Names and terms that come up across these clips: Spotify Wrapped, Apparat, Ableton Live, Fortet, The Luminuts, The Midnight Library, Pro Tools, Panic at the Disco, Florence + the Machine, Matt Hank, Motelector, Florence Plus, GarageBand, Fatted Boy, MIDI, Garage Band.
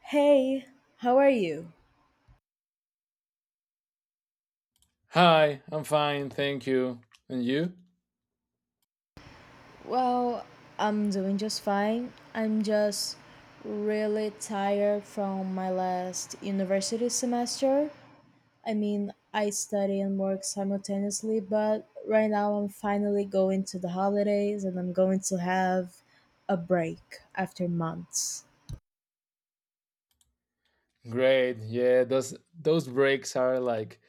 Hey, how are you? Hi, I'm fine, thank you. And you? Well, I'm doing just fine. I'm just really tired from my last university semester. I mean, I study and work simultaneously, but right now I'm finally going to the holidays and I'm going to have a break after months. Great. Yeah, those breaks are like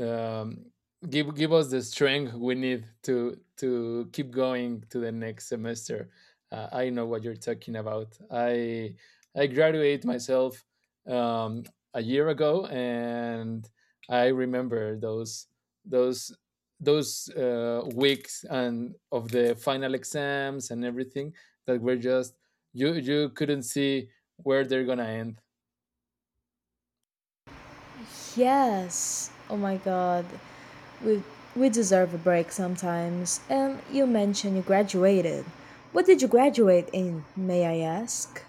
um, give us the strength we need to keep going to the next semester. I know what you're talking about. I graduate myself um, a year ago, and I remember those those weeks and of the final exams and everything that were just you couldn't see where they're gonna end. Yes. Oh my god. We we deserve a break sometimes. And you mentioned you graduated. What did you graduate in, may I ask?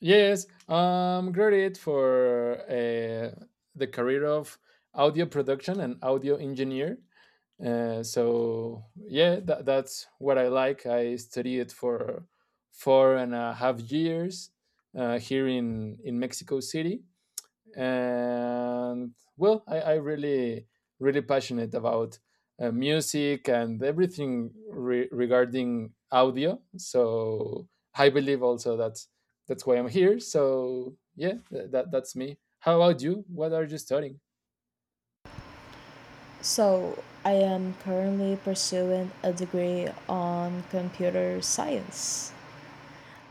Yes, I'm graduate for the career of audio production and audio engineer. So yeah, that's what I like. I studied for 4.5 years here in Mexico City, and well, I really, really passionate about music and everything regarding audio. So I believe also that's why I'm here. So yeah, that's me. How about you? What are you studying? So, I am currently pursuing a degree on computer science.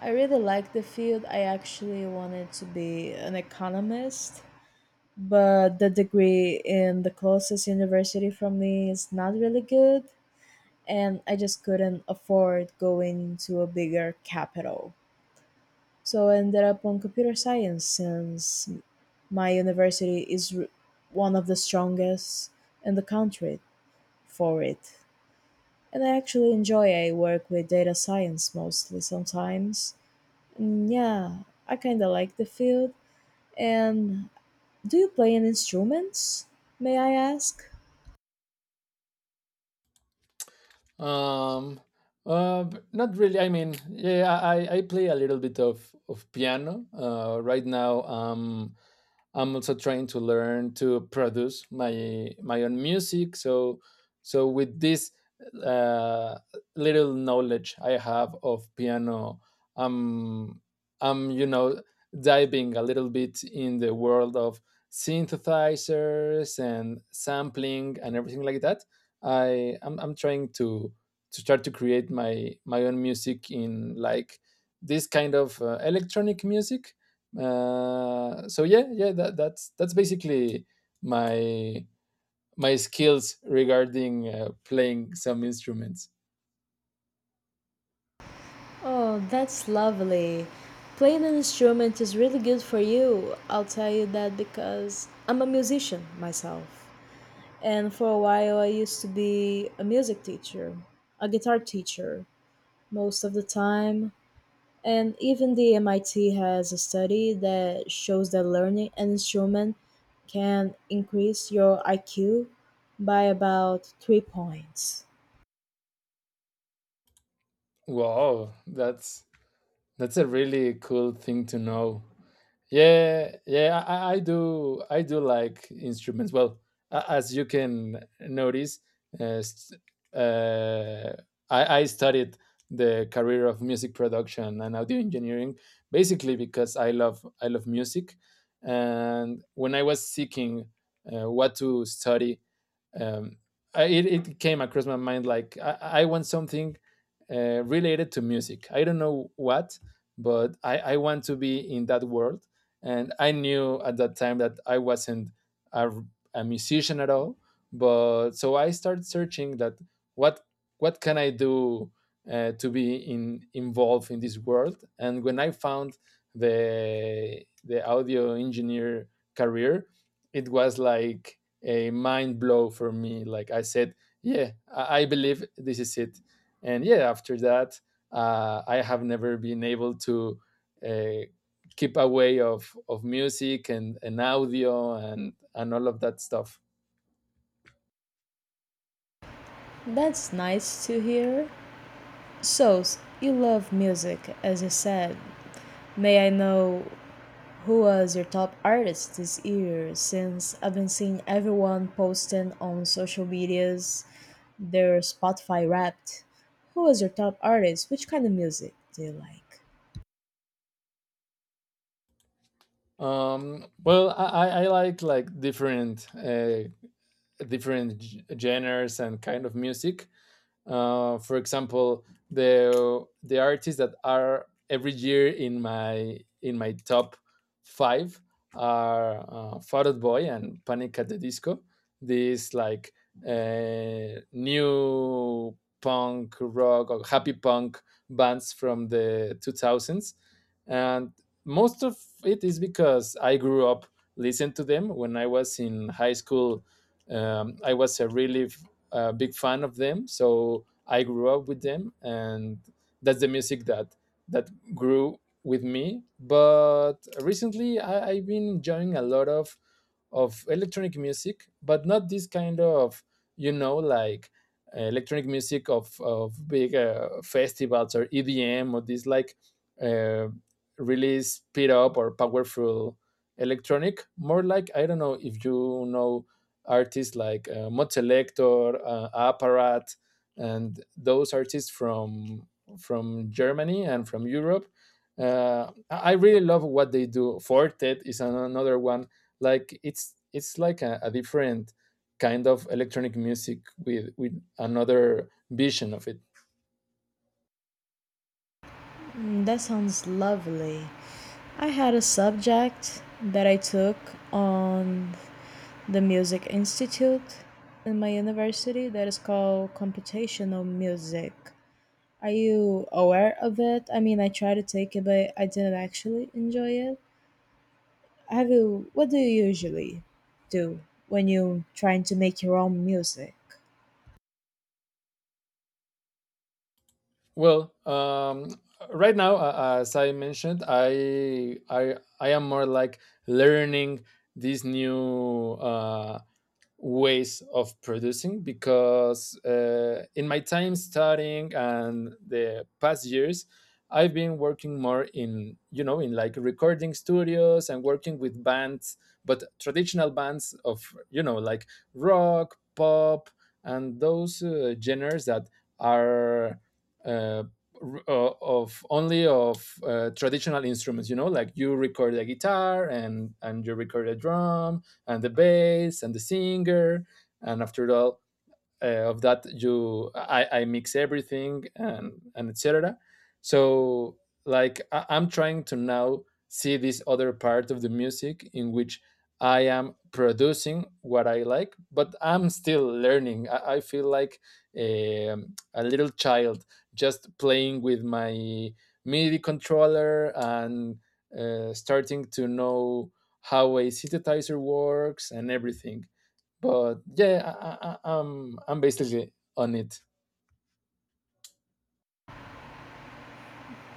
I really like the field. I actually wanted to be an economist, but the degree in the closest university from me is not really good. And I just couldn't afford going to a bigger capital. So I ended up on computer science since my university is one of the strongest in the country for it. And I actually enjoy, I work with data science mostly sometimes. And yeah, I kind of like the field. And do you play any instruments? May I ask? Um, Not really. I mean, yeah, I play a little bit of piano. Right now, I'm also trying to learn to produce my own music. So so with this uh, little knowledge I have of piano, I'm I'm you know diving a little bit in the world of synthesizers and sampling and everything like that. I'm trying to start to create my own music in like this kind of electronic music, so yeah, yeah, that's basically my my skills regarding playing some instruments. Oh, that's lovely. Playing an instrument is really good for you. I'll tell you that because I'm a musician myself. And for a while, I used to be a music teacher, a guitar teacher, most of the time. And even the MIT has a study that shows that learning an instrument can increase your IQ by about 3 points. Wow, that's a really cool thing to know. Yeah, yeah, yeah, I do. I do like instruments. Well, as you can notice, uh, s- uh, I studied the career of music production and audio engineering basically because I love music, and when I was seeking what to study, um, it came across my mind like I want something related to music. I don't know what, but I want to be in that world. And I knew at that time that I wasn't a, a musician at all. But so I started searching that what what can I do to be involved in this world. And when I found the audio engineer career, it was like a mind blow for me. Like I said, yeah, I believe this is it. And yeah, after that, I have never been able to uh, keep away of music and and audio and and, all of that stuff. That's nice to hear. So you love music, as you said. May I know who was your top artist this year? Since I've been seeing everyone posting on social medias their Spotify Wrapped. Who was your top artist? Which kind of music do you like? Well, I like different different genres and kind of music. For example, the artists that are every year in my top five are Fatted Boy and Panic at the Disco. These like new punk rock or happy punk bands from the 2000s, and most of it is because I grew up listening to them when I was in high school. I was a really a big fan of them. So I grew up with them, and that's the music that grew with me. But recently, I've been enjoying a lot of electronic music, but not this kind of you know like electronic music of big festivals or EDM or this like uh, really speed up or powerful electronic. More like I don't know if you know artists like Motelector, Apparat, and those artists from Germany and from Europe. I really love what they do. Fortet is another one. Like it's like a different kind of electronic music with another vision of it. Mm, that sounds lovely. I had a subject that I took on the Music Institute in my university that is called computational music. Are you aware of it? I mean, I tried to take it, but I didn't actually enjoy it. Have you, what do you usually do when you're trying to make your own music? Well, right now, as I mentioned, I am more like learning these new. Ways of producing because in my time studying and the past years, I've been working more in you know in like recording studios and working with bands, but traditional bands of you know like rock pop and those genres that are uh, of only of traditional instruments, you know, like you record a guitar and you record a drum and the bass and the singer, and after all of that you I mix everything and etc. So like I'm trying to now see this other part of the music in which I am producing what I like, but I'm still learning. I feel like a little child just playing with my midi controller and starting to know how a synthesizer works and everything. But yeah, I- am I'm basically on it.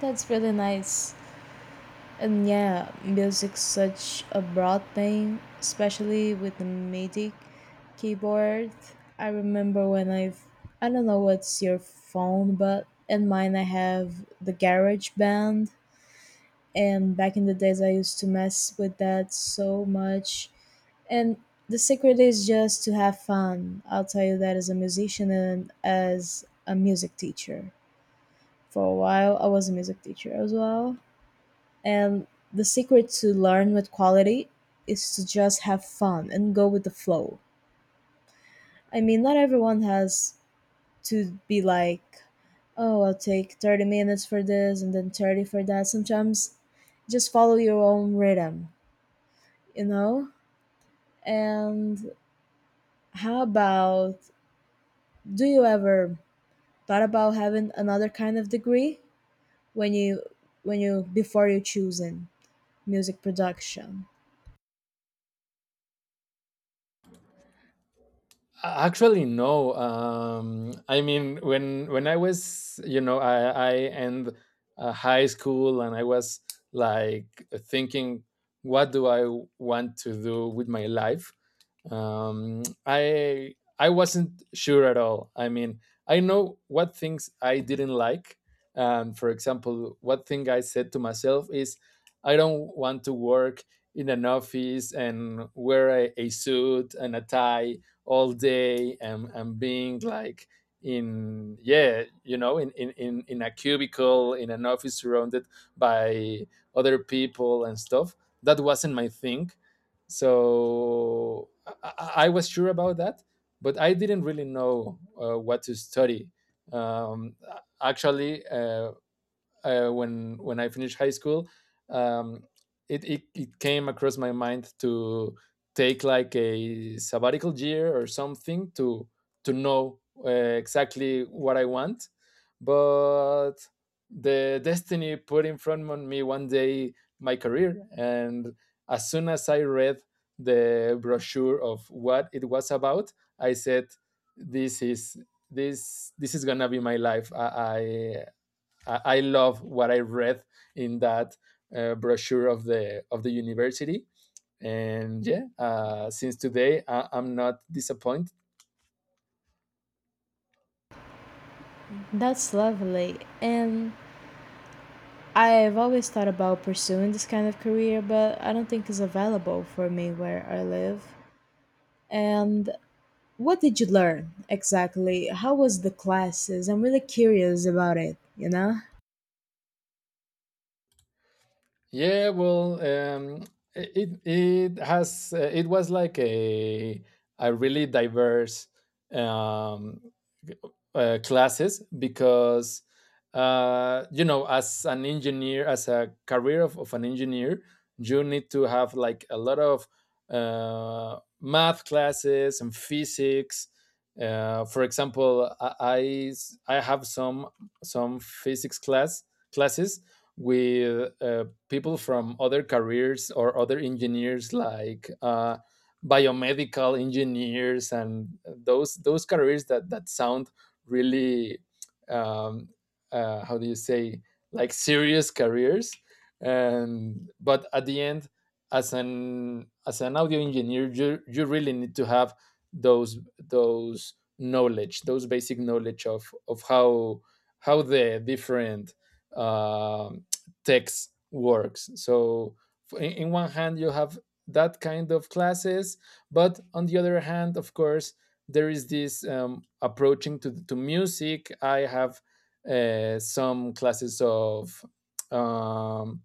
That's really nice. And yeah, music's such a broad thing, especially with the MIDI keyboard. I remember when I've, I don't know what's your phone, but in mine I have the Garage Band. And back in the days I used to mess with that so much. And the secret is just to have fun. I'll tell you that as a musician and as a music teacher. For a while I was a music teacher as well. And the secret to learn with quality is to just have fun and go with the flow. I mean, not everyone has to be like, oh, I'll take 30 minutes for this and then 30 for that. Sometimes just follow your own rhythm, you know? And how about, do you ever thought about having another kind of degree when you when you before you choosing music production? Actually no. I mean when when I was you know I end high school and I was like thinking what do I want to do with my life. I wasn't sure at all. I mean, I know what things I didn't like. For example, what thing I said to myself is I don't want to work in an office and wear a suit and a tie all day and being like in yeah you know in in a cubicle in an office surrounded by other people and stuff. That wasn't my thing. So I was sure about that, but I didn't really know what to study. Um, actually, uh, when I finished high school, um, it, it came across my mind to take like a sabbatical year or something to know exactly what I want, but the destiny put in front of me one day my career, and as soon as I read the brochure of what it was about, I said, "This is this is gonna be my life. I love what I read in that brochure of the university. And yeah, since today, I'm not disappointed." That's lovely. And I've always thought about pursuing this kind of career, but I don't think it's available for me where I live. And what did you learn exactly? How was the classes? I'm really curious about it, you know? Yeah, well, it it has it was like a really diverse um, classes because you know as an engineer as a career of an engineer, you need to have like a lot of math classes and physics. For example, I have some physics classes with people from other careers or other engineers like biomedical engineers and those careers that that sound really um, how do you say, like serious careers. And but at the end, as an audio engineer, you really need to have those knowledge, those basic knowledge of how the different um text works. So in one hand, you have that kind of classes, but on the other hand, of course, there is this approaching to music. I have some classes of um,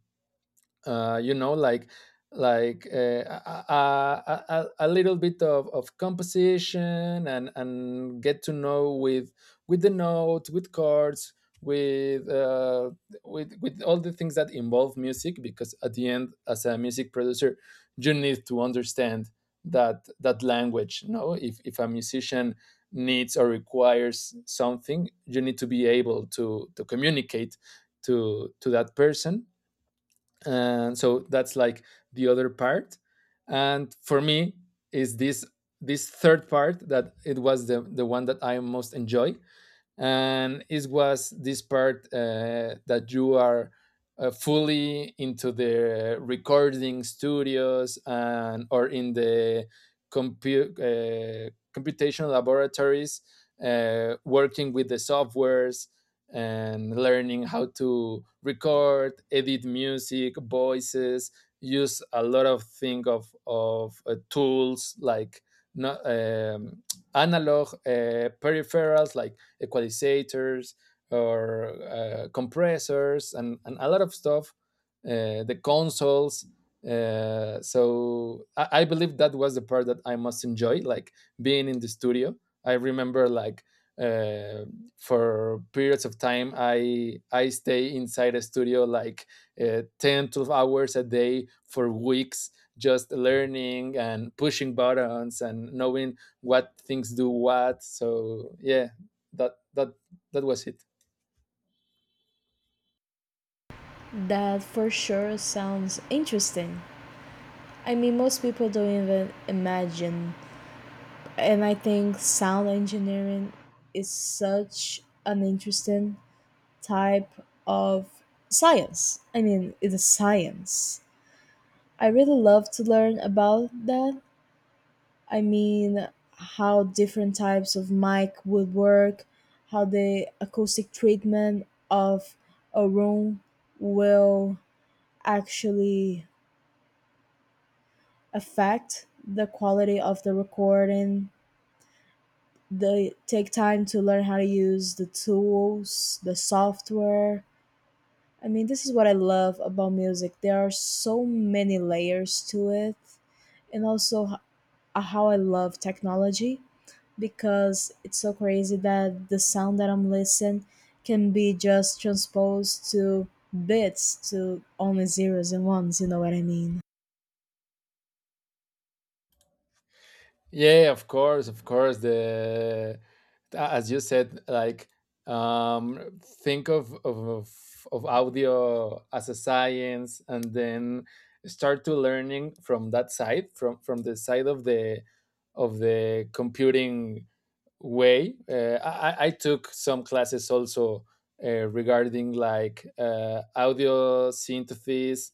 you know, like a little bit of composition and get to know with the note, with chords, with uh, with all the things that involve music. Because at the end, as a music producer, you need to understand that that language. No, if a musician needs or requires something, you need to be able to communicate to that person. And so that's like the other part, and for me is this this third part that it was the one that I most enjoy. And it was this part that you are fully into the recording studios and or in the computational laboratories working with the softwares and learning how to record edit music voices, use a lot of thing of tools like not, analog peripherals like equalizers or compressors and a lot of stuff, the consoles. So I believe that was the part that I most enjoy, like being in the studio. I remember like uh, for periods of time I stay inside a studio like 10 12 hours a day for weeks just learning and pushing buttons and knowing what things do what. So yeah, that that was it. That for sure sounds interesting. I mean, most people don't even imagine. And I think sound engineering is such an interesting type of science. I mean, it's a science. I really love to learn about that. I mean, how different types of mic would work, how the acoustic treatment of a room will actually affect the quality of the recording. They take time to learn how to use the tools, the software. I mean, this is what I love about music. There are so many layers to it, and also how I love technology because it's so crazy that the sound that I'm listening can be just transposed to bits, to only zeros and ones, you know what I mean? Yeah, of course, of course. The as you said, like think of audio as a science, and then start to learning from that side, from the side of the computing way. I took some classes also regarding like audio synthesis,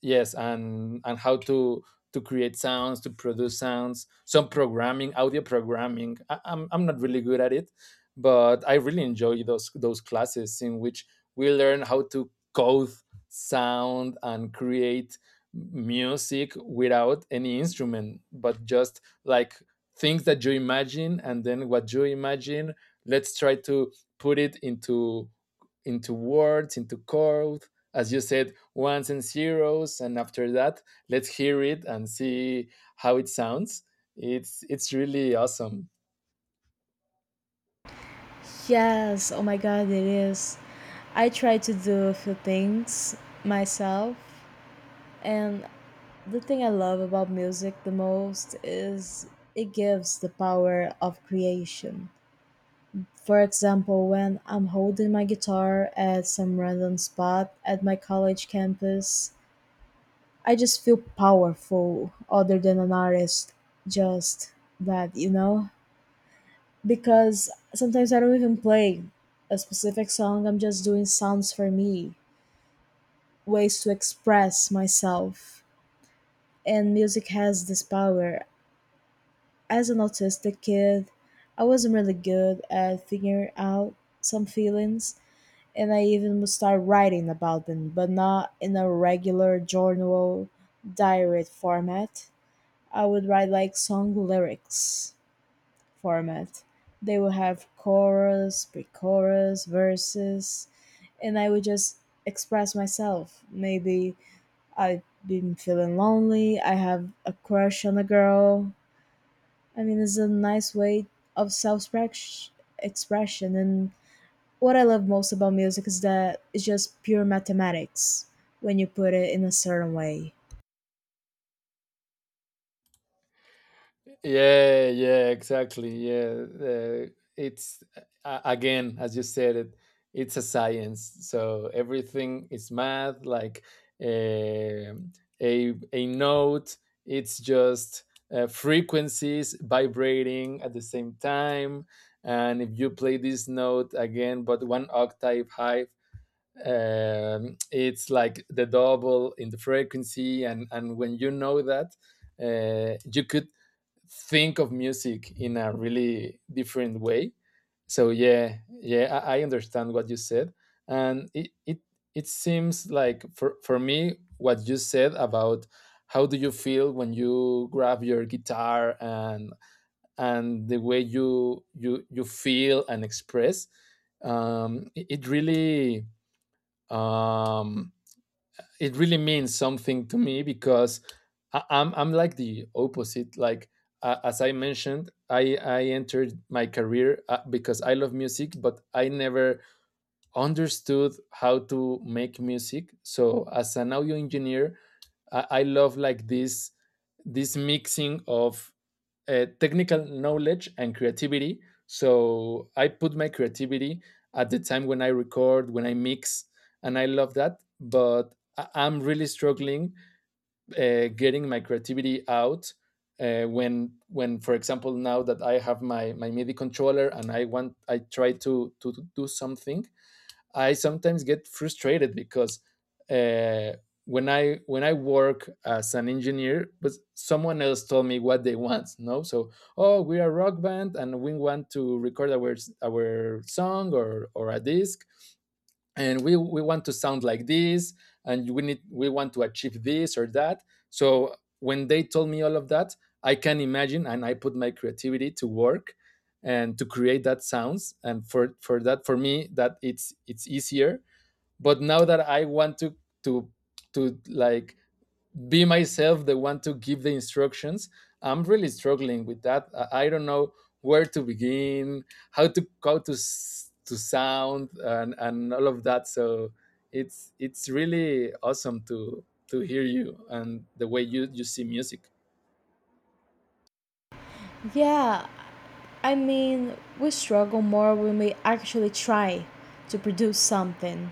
yes, and how to create sounds to produce sounds, some programming audio programming. I'm not really good at it, but I really enjoy those classes in which we learn how to code sound and create music without any instrument, but just like things that you imagine, and then what you imagine, let's try to put it into words, into code. As you said, ones and zeros, and after that, let's hear it and see how it sounds. It's really awesome. Yes, oh my god, it is. I try to do a few things myself. And the thing I love about music the most is it gives the power of creation. For example, when I'm holding my guitar at some random spot at my college campus, I just feel powerful, other than an artist, just that, you know? Because sometimes I don't even play a specific song, I'm just doing sounds for me, ways to express myself. And music has this power. As an autistic kid, I wasn't really good at figuring out some feelings, and I even would start writing about them, but not in a regular journal diary format. I would write like song lyrics format. They would have chorus, pre chorus, verses, and I would just express myself. Maybe I've been feeling lonely, I have a crush on a girl, I mean, it's a nice way of self expression. And what I love most about music is that it's just pure mathematics when you put it in a certain way. Yeah, yeah, exactly. Yeah, it's again, as you said it, it's a science. So everything is math. Like um a note, it's just frequencies vibrating at the same time. And if you play this note again, but one octave high, it's like the double in the frequency. And when you know that, you could think of music in a really different way. So yeah, yeah, I understand what you said, and it it seems like for me what you said about how do you feel when you grab your guitar and the way you feel and express it really um, it really means something to me because I'm like the opposite. Like as I mentioned, I entered my career because I love music, but I never understood how to make music. So as an audio engineer, I love like this mixing of technical knowledge and creativity. So I put my creativity at the time when I record, when I mix, and I love that. But I'm really struggling getting my creativity out when for example now that I have my my MIDI controller and I try to do something I sometimes get frustrated because uh, when I work as an engineer, but someone else told me what they want. No, so oh, we are a rock band and we want to record our song or a disc, and we want to sound like this, and we want to achieve this or that. So when they told me all of that, I can imagine and I put my creativity to work and to create that sounds and for that for me that it's easier but now that I want to to be myself the one to give the instructions. I'm really struggling with that. I don't know where to begin, how to to sound and all of that. So it's really awesome to hear you and the way you see music. Yeah, I mean, we struggle more when we actually try to produce something.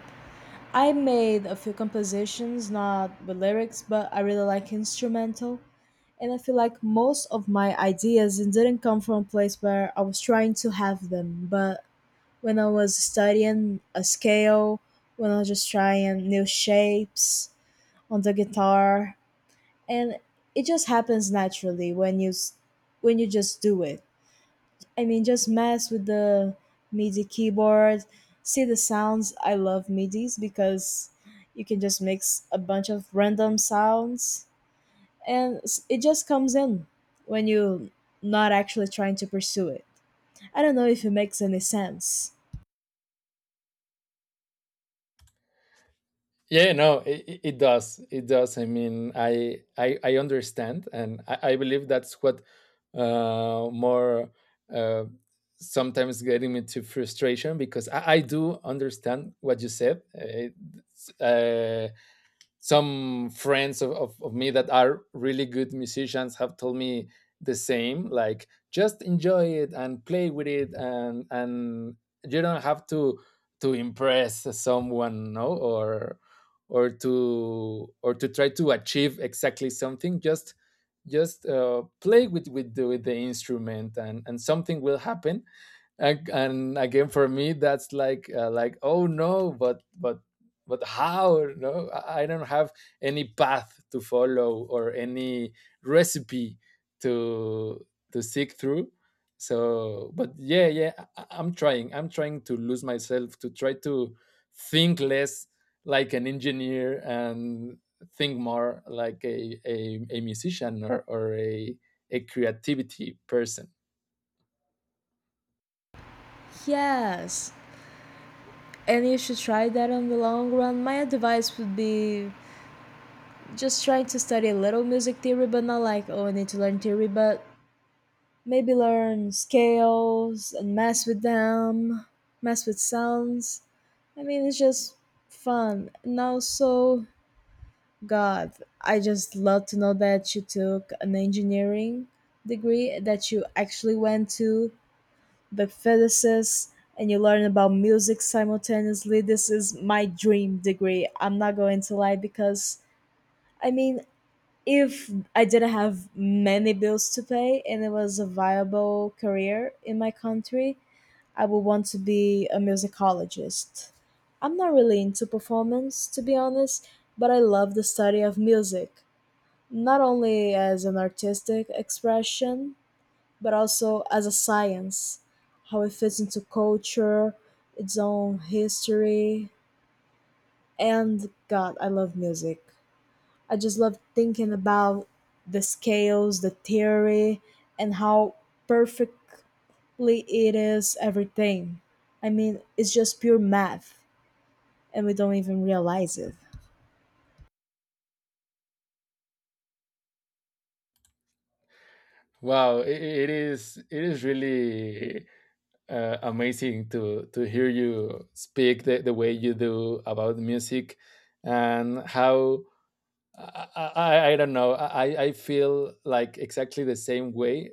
I made a few compositions, not with lyrics, but I really like instrumental. And I feel like most of my ideas didn't come from a place where I was trying to have them, but when I was studying a scale, when I was just trying new shapes on the guitar, and it just happens naturally when you just do it. I mean, just mess with the MIDI keyboard, see the sounds. I love MIDIs because you can just mix a bunch of random sounds, and it just comes in when you not actually trying to pursue it. I don't know if it makes any sense. Yeah, no, it does. It does. I mean, I understand, and I believe that's what more uh, sometimes getting me to frustration because I do understand what you said. It's some friends of me that are really good musicians have told me the same, like just enjoy it and play with it and you don't have to impress someone, no, or or to try to achieve exactly something, just play with with the instrument and something will happen. And again for me that's like like, oh no, but how. No, I don't have any path to follow or any recipe to to seek through. So but yeah, yeah, I'm trying to lose myself to try to think less like an engineer and think more like a musician, or a creativity person. Yes. And you should try that on the long run. My advice would be just trying to study a little music theory, but not like, oh, I need to learn theory, but maybe learn scales and mess with them, mess with sounds. I mean, it's just fun. And also, God, I just love to know that you took an engineering degree, that you actually went to with physicists and you learn about music simultaneously. This is my dream degree. I'm not going to lie, because I mean, if I didn't have many bills to pay and it was a viable career in my country, I would want to be a musicologist. I'm not really into performance, to be honest, but I love the study of music, not only as an artistic expression, but also as a science, how it fits into culture, its own history, and God, I love music. I just love thinking about the scales, the theory, and how perfectly it is everything. I mean, it's just pure math, and we don't even realize it. Wow, it is really amazing to hear you speak the way you do about music and how I, I don't know. I feel like exactly the same way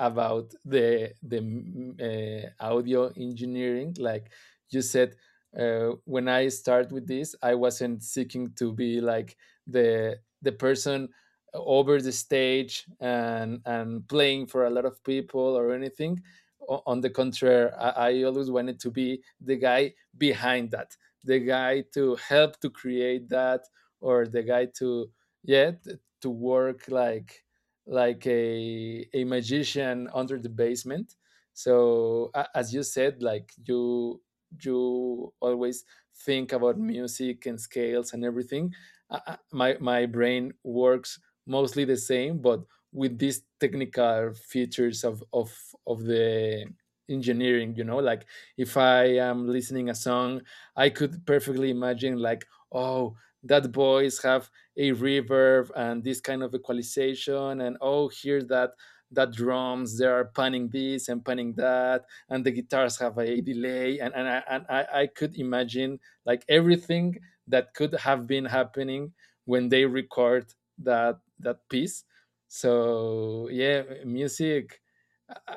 about the audio engineering. Like you said, when I start with this, I wasn't seeking to be like the person over the stage and playing for a lot of people or anything. On the contrary, I always wanted to be the guy behind that, the guy to help to create that, or the guy to yeah to work like a magician under the basement. So as you said, like, you always think about music and scales and everything. My brain works mostly the same but with these technical features of the engineering, you know, like if I am listening a song I could perfectly imagine like, oh, that voice have a reverb and this kind of equalization, and oh here's that drums, they are panning this and panning that, and the guitars have a delay, and I could imagine like everything that could have been happening when they record that piece. So yeah, music uh,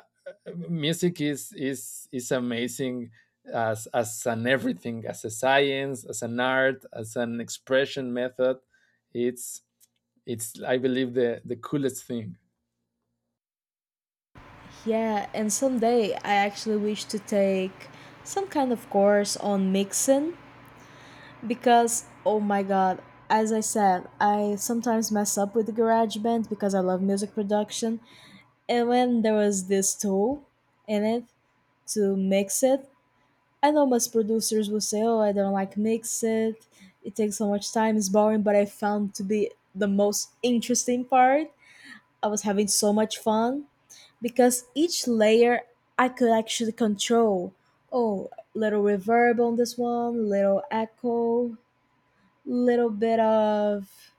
music is amazing, as an everything, as a science, as an art, as an expression method. It's it's I believe the coolest thing. Yeah, and someday I actually wish to take some kind of course on mixing, because oh my god, as I said, I sometimes mess up with the Garage Band because I love music production. And when there was this tool in it to mix it, I know most producers will say, oh, I don't like mix it, it takes so much time, it's boring, but I found to be the most interesting part. I was having so much fun because each layer I could actually control. Oh, little reverb on this one, little echo, little bit of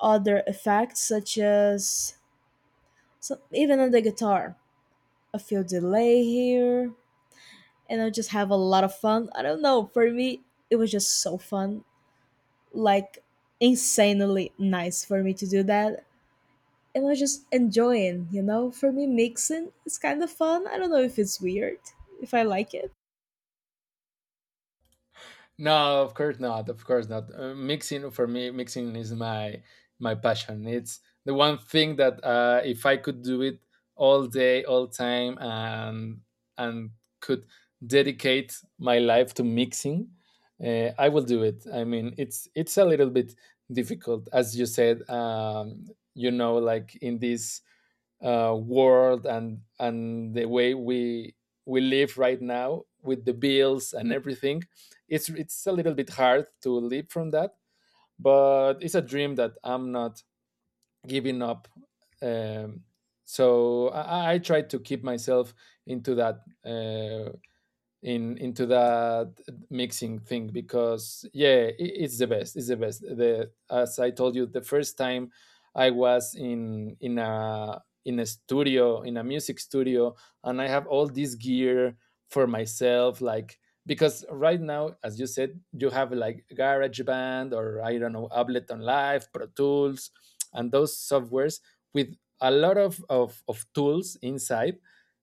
other effects such as, so even on the guitar a few delay here. And I just have a lot of fun. I don't know, for me it was just so fun. Like, insanely nice for me to do that. And I was just enjoying. For me, mixing is kind of fun. I don't know if it's weird if I like it. No, of course not. Of course not. Mixing for me, mixing is my my passion. It's the one thing that if I could do it all day, all time, and could dedicate my life to mixing, I will do it. I mean, it's a little bit difficult, as you said. You know, like in this world and the way we live right now with the bills and everything, it's a little bit hard to live from that, but it's a dream that I'm not giving up. um, so I try to keep myself into that in into that mixing thing, because yeah, it's the best. It's the best. The As I told you, the first time I was in a studio, in a music studio, and I have all this gear for myself, like, because right now, as you said, you have like GarageBand or I don't know, Ableton Live, Pro Tools, and those softwares with a lot of tools inside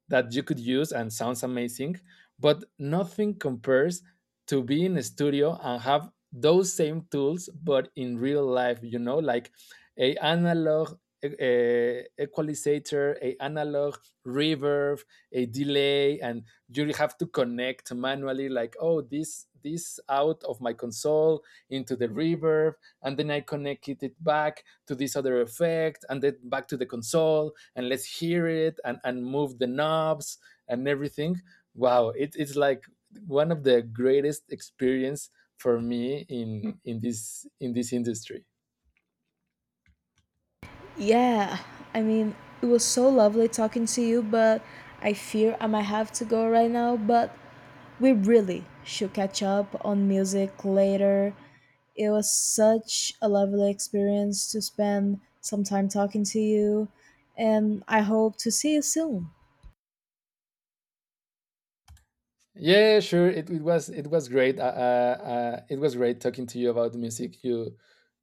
that you could use and sounds amazing, but nothing compares to be in a studio and have those same tools but in real life. You know, like a analog equalizer, a analog reverb, a delay, and you have to connect manually, like, oh, this out of my console into the reverb, and then I connected it back to this other effect and then back to the console, and let's hear it, and move the knobs and everything. Wow, it's like one of the greatest experience for me in in this industry. Yeah, I mean, it was so lovely talking to you, but I fear I might have to go right now. But we really should catch up on music later. It was such a lovely experience to spend some time talking to you, and I hope to see you soon. Yeah, sure, it was great. It was great talking to you about music. you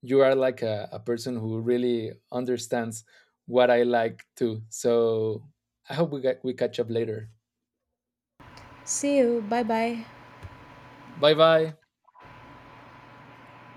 you are like a person who really understands what I like too. So I hope we catch up later. See you. Bye bye. Bye bye.